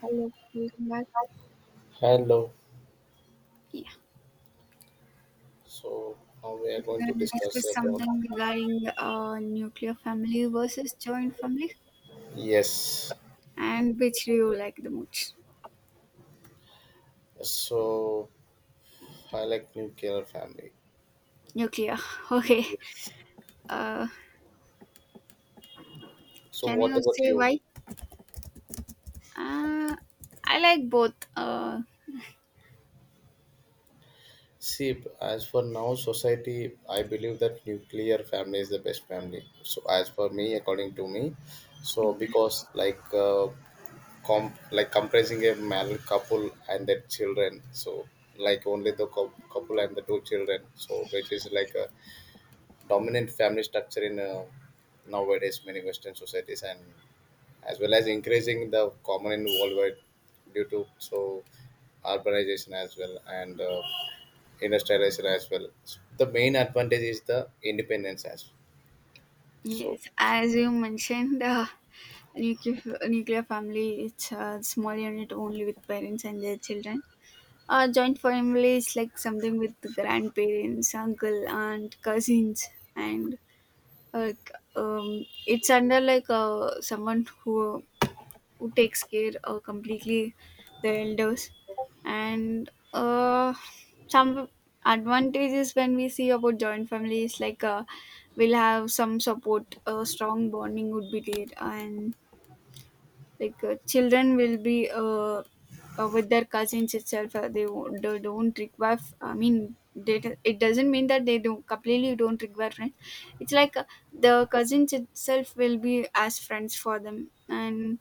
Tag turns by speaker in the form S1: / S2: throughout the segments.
S1: Hello, welcome back.
S2: Hello.
S1: Yeah.
S2: So now we are
S1: We're
S2: going to
S1: going to
S2: discuss
S1: discuss
S2: about.
S1: something regarding nuclear family versus joint family,
S2: Yes.
S1: and which do you like the most?
S2: So I like nuclear family.
S1: Nuclear. Okay.
S2: Yes.
S1: Uh,
S2: So
S1: can
S2: what
S1: you
S2: about
S1: say
S2: you?
S1: why? Uh, I like both. Uh,
S2: See, as for now, society, I believe that nuclear family is the best family. So as for me, according to me, so because like comp like compressing a married couple and their children. So like only the couple and the two children. So it is like a dominant family structure in nowadays many Western societies, and as well as increasing the common in worldwide due to so urbanization as well and industrialization as well. The main advantage is the independence as so.
S1: yes,
S2: so.
S1: as you mentioned, nuclear nuclear family it's a small unit only with parents and their children. Joint family is like something with the grandparents, uncle, aunt, cousins, and it's under someone who takes care completely the elders, and some advantages when we see about joint families we'll have some support, strong bonding would be there, and children will be with their cousins itself. Uh, they, won't, they don't require f- I mean they, do- It doesn't mean that they don't completely don't require friends. It's the cousins itself will be as friends for them, and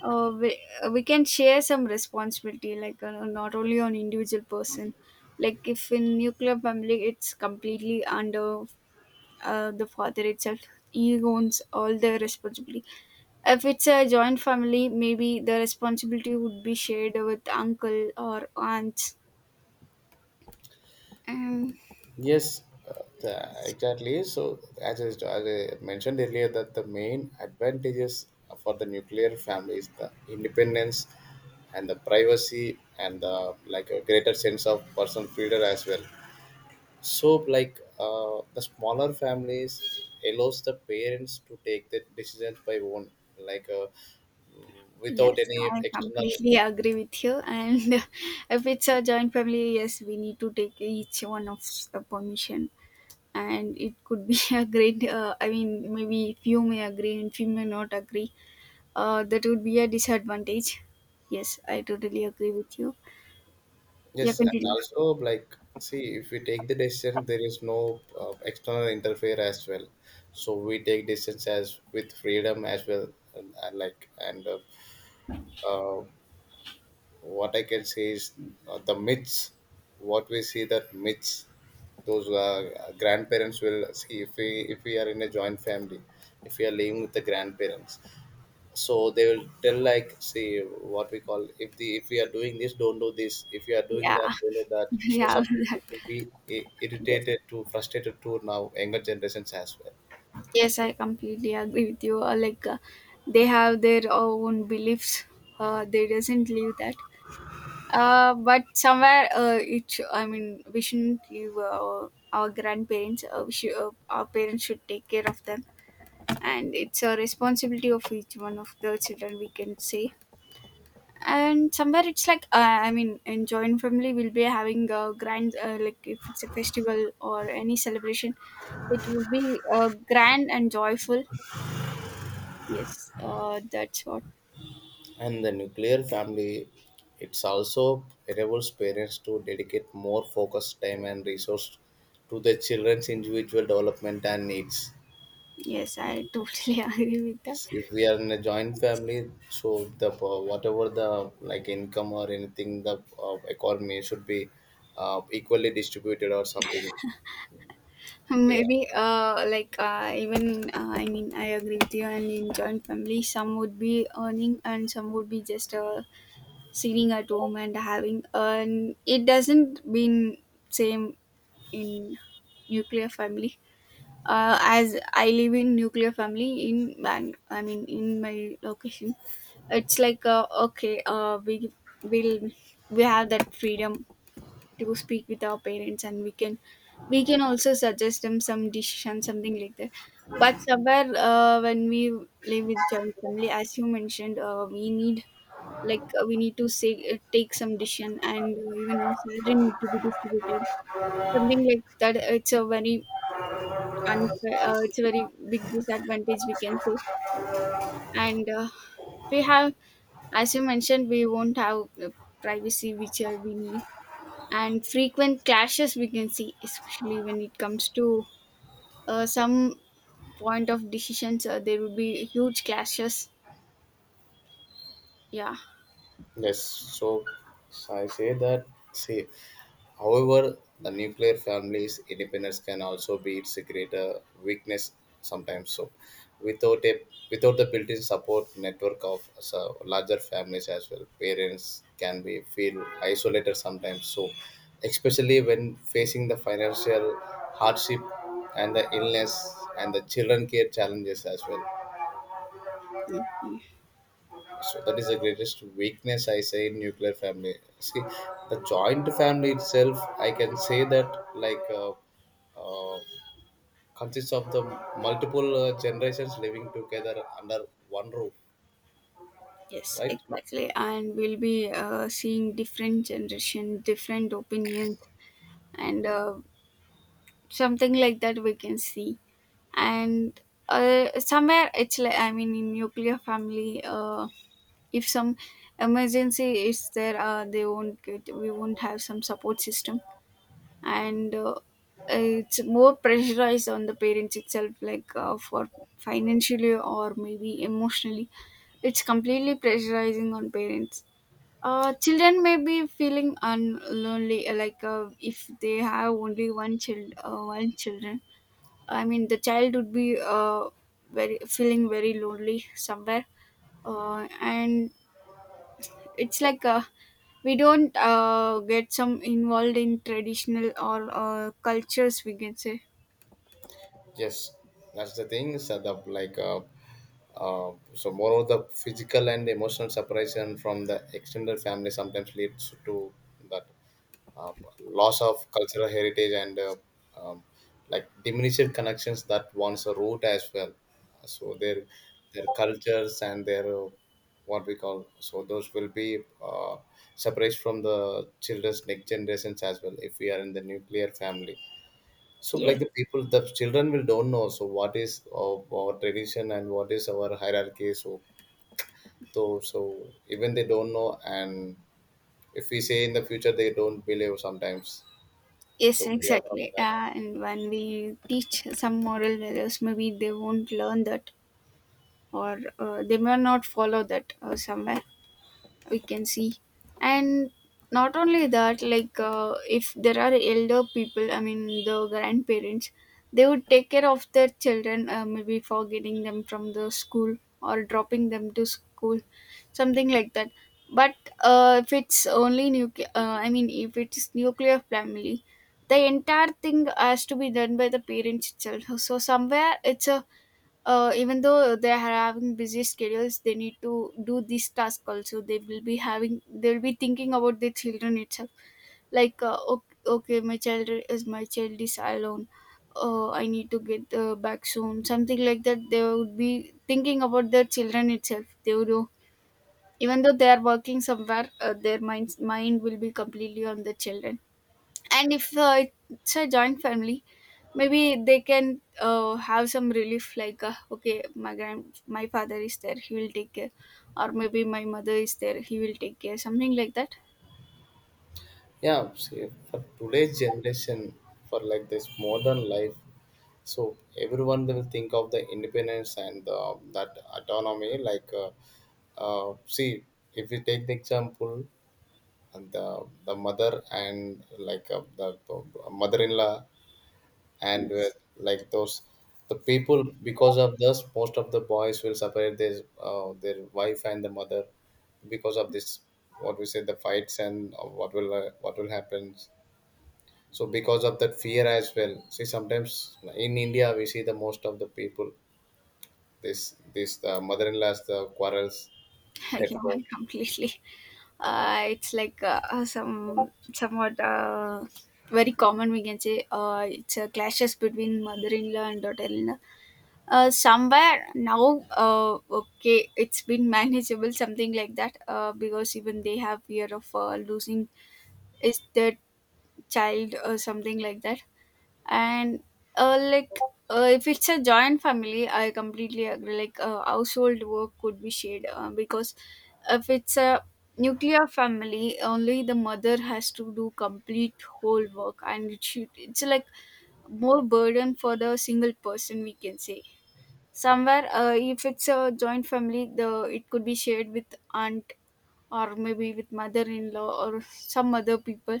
S1: uh, we, we can share some responsibility, not only on individual person, like if in nuclear family it's completely under the father itself. He owns all the responsibility. If it's a joint family, maybe the responsibility would be shared with uncle or aunt. um,
S2: Yes, exactly. So, as I mentioned earlier, that the main advantages for the nuclear family is the independence and the privacy and the like a greater sense of personal freedom as well. So, like the smaller families allows the parents to take the decisions by own, like without
S1: yes,
S2: any
S1: I
S2: external.
S1: completely agree with you, and if it's a joint family, yes, we need to take each one of the permission, and it could be a great, maybe few may agree and few may not agree. That would be a disadvantage. Yes, I totally agree with you. Yeah,
S2: Yes, and
S1: continue.
S2: also like see if we take the decision, there is no external interfere as well. So we take decisions as with freedom as well, and like and uh, what I can say is the myths. What we see that myths, those grandparents will see if we are in a joint family, if we are living with the grandparents, so they will tell like see what we call if the if we are doing this don't do this, if you are doing
S1: Yeah,
S2: that don't do that, so
S1: yeah,
S2: some people
S1: that-
S2: will be
S1: yes,
S2: irritated to frustrated to now younger generations as well.
S1: yes, I completely agree with you. They have their own beliefs. They doesn't live that. But somewhere, it. Sh- I mean, we shouldn't leave our grandparents. Our parents should take care of them, and it's a responsibility of each one of the children, we can say. And somewhere it's like in joint family we'll be having a grand, like if it's a festival or any celebration, it will be grand and joyful. Yes, that's what.
S2: And the nuclear family, it's also enables parents to dedicate more focus time and resource to their children's individual development and needs.
S1: Yes, I totally agree with that.
S2: Yes, if we are in a joint
S1: Yes.
S2: family, so the whatever the like income or anything, the economy should be equally distributed or something. Yeah.
S1: Maybe, like even I mean I agree with you, and in joint family some would be earning and some would be just, sitting at home and having, and it doesn't been same in nuclear family. As I live in nuclear family in Bang, I mean in my location, it's okay, we will, we have that freedom to speak with our parents, and we can also suggest them some decision, something like that. But somewhere, when we live with joint family, as you mentioned, we need to say, take some decision, and even our salary need to be distributed. Something like that. It's a very unfair, it's a very big disadvantage, we can say. And we have, as you mentioned, we won't have privacy, which we need. And frequent clashes we can see, especially when it comes to some point of decisions, there will be huge clashes. Yeah.
S2: Yes, so I say that. See, however, the nuclear family's independence can also be its greater weakness sometimes. So, without a without the built-in support network of so, larger families as well, parents can be feel isolated sometimes. So, especially when facing the financial hardship and the illness and the children care challenges as well.
S1: Mhm.
S2: So that is the greatest weakness I say in nuclear family. See, the joint family itself, I can say that like uh, consists of the multiple generations living together under one roof,
S1: Yes,
S2: right?
S1: exactly, and we'll be seeing different generation, different opinions, and something like that we can see. And somewhere it's like I mean in nuclear family, if some emergency is there, they won't get we won't have some support system. And it's more pressurized on the parents itself, for financially or maybe emotionally, it's completely pressurizing on parents. Children may be feeling un- lonely, if they have only one child, one children, I mean, the child would be, very feeling very lonely somewhere, and it's we don't get some involved in traditional or cultures, we can say.
S2: Yes, that's the thing. So the like so more of the physical and emotional separation from the extended family sometimes leads to that uh, loss of cultural heritage and um, like diminished connections that once a root as well. So their cultures and their what we call, so those will be uh, separated from the children's next generations as well if we are in the nuclear family. So like
S1: Yes,
S2: the people, the children will don't know so what is our tradition and what is our hierarchy, so so even they don't know, and if we say in the future they don't believe sometimes, so
S1: yes,
S2: we are from
S1: exactly.
S2: that.
S1: And when we teach some moral values, maybe they won't learn that, or they may not follow that somewhere, we can see. And not only that, if there are elder people, I mean the grandparents, they would take care of their children, maybe for getting them from the school or dropping them to school, something like that. But if it's only nuclear, if it's nuclear family, the entire thing has to be done by the parents itself, so somewhere it's a, even though they are having busy schedules, they need to do this task also. They will be having, they'll be thinking about their children itself, okay, my child is, my child is alone, I need to get back soon, something like that. They would be thinking about their children itself. They would, even though they are working somewhere, their minds mind will be completely on the children. And if it's a joint family, maybe they can have some relief, okay, my father is there, he will take care, or maybe my mother is there, he will take care, something like that.
S2: Yeah, see, for today's generation, for like this modern life, so everyone will think of the independence and that autonomy. Like, see, if we take the example, and the mother and like the mother-in-law, and with like those the people, because of this most of the boys will separate their wife and the mother, because of this what we say the fights and what will happen. So because of that fear as well, see sometimes in India we see the most of the people, this the mother-in-law's the quarrels at
S1: Yeah,
S2: home.
S1: completely. It's like some somewhat Very common, we can say, it's clashes between mother-in-law and daughter-in-law. Somewhere now, okay, it's been manageable, something like that, because even they have fear of losing is their child or something like that. And uh, like if it's a joint family, I completely agree. Household work could be shared, because if it's a nuclear family, only the mother has to do complete whole work, and it's like more burden for the single person, we can say. Somewhere if it's a joint family, the it could be shared with aunt or maybe with mother-in-law or some other people.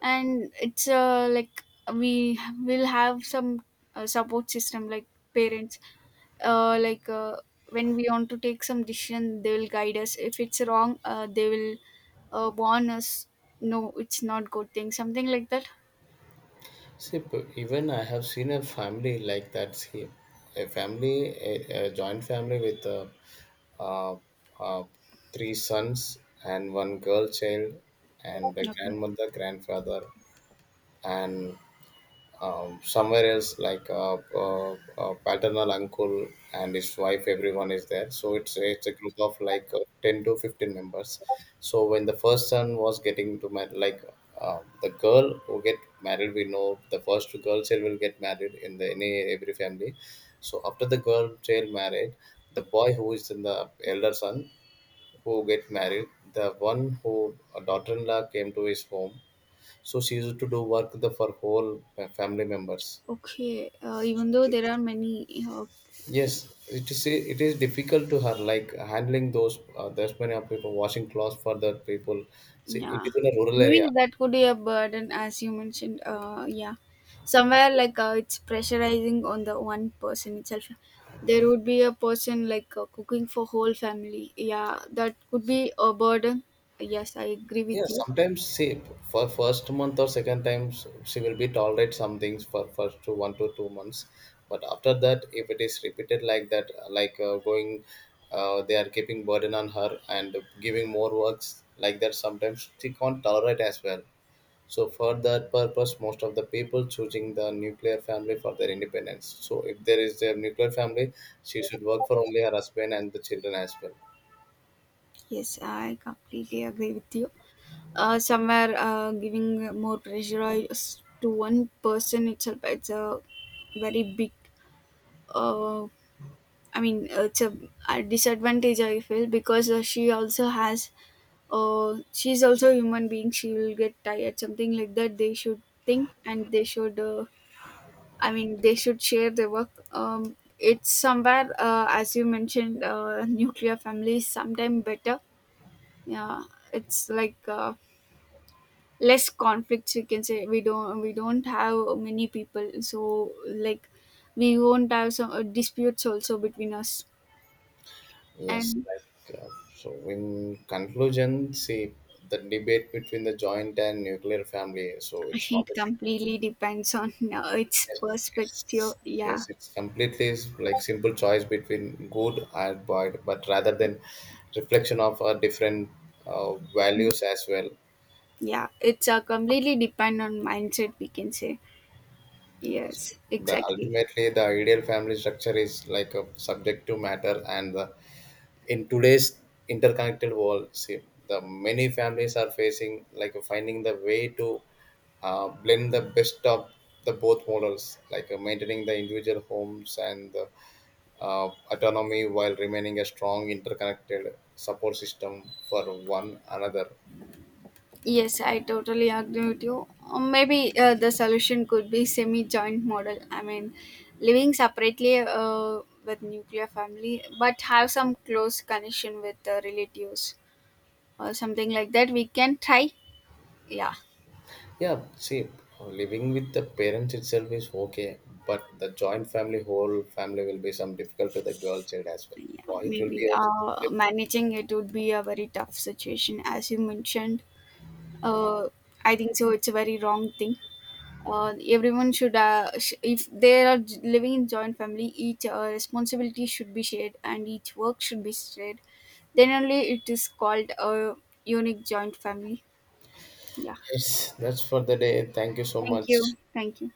S1: And it's like we will have some support system like parents. uh, like uh, when we want to take some decision, they will guide us. If it's wrong, they will warn us, no, it's not good thing, something like that.
S2: See, even I have seen a family like that. See, a family, a joint family with uh, uh, three sons and one girl child, and the
S1: Okay.
S2: grandmother, grandfather, and somewhere else like paternal uncle and his wife, everyone is there, so it's a group of like 10 to 15 members. So when the first son was getting to marry, like the girl who get married, we know the first two girl child will get married in the any every family. So after the girl child married, the boy who is in the elder son, who get married, the one who a daughter-in-law came to his home, so she used to do work the for whole family members.
S1: Okay, even though there are many,
S2: Yes, it is difficult to her, like handling those, there's many of people washing clothes for the people. See, it
S1: yeah,
S2: is in a rural area.
S1: maybe that could be a burden, as you mentioned. Yeah, somewhere it's pressurizing on the one person itself. There would be a person cooking for whole family. Yeah, that could be a burden. Yes, I agree
S2: Yeah,
S1: with you.
S2: sometimes see, for first month or second times she will be tolerate some things for first to 1 to 2 months, but after that if it is repeated like that, like going, they are keeping burden on her and giving more works like that. Sometimes she can't tolerate as well. So for that purpose, most of the people choosing the nuclear family for their independence. So if there is a nuclear family, she should work for only her husband and the children as well.
S1: Yes, I completely agree with you. Somewhere Giving more pressure to one person itself, it's a very big, uh, it's a disadvantage I feel, because she also has, she's also a human being. She will get tired, something like that. They should think and they should, they should share the work. It's somewhere, as you mentioned, nuclear family is sometimes better. Yeah, it's less conflicts, we can say. We don't have many people, so like we won't have some disputes also between us.
S2: Yes,
S1: And
S2: like so. In conclusion, see, the debate between the joint and nuclear family, so it's not
S1: it
S2: a simple.
S1: completely depends on its
S2: Yes, it's,
S1: perspective. Yeah,
S2: yes, it's completely like simple choice between good and bad, but rather than reflection of our different values as well.
S1: yeah. It's completely depend on mindset, we can say. Yes,
S2: the
S1: exactly.
S2: ultimately the ideal family structure is like a subjective matter, and in today's interconnected world, see, the many families are facing like finding the way to blend the best of the both models, like maintaining the individual homes and the autonomy, while remaining a strong interconnected support system for one another.
S1: Yes, I totally agree with you. Or maybe the solution could be semi-joint model. I mean, living separately with nuclear family, but have some close connection with the relatives or something like that. We can try. Yeah.
S2: Yeah, see, living with the parents itself is okay, but the joint family, whole family will be some difficult to the girl child as well.
S1: Yeah,
S2: Boy, it will
S1: maybe
S2: be also.
S1: managing it would be a very tough situation, as you mentioned. Uh, I think so. It's a very wrong thing. Everyone should, if they are living in joint family, each responsibility should be shared and each work should be shared. Then only it is called a unique joint family. Yeah.
S2: Yes, that's for the day. Thank you so
S1: Thank
S2: much.
S1: you. Thank you.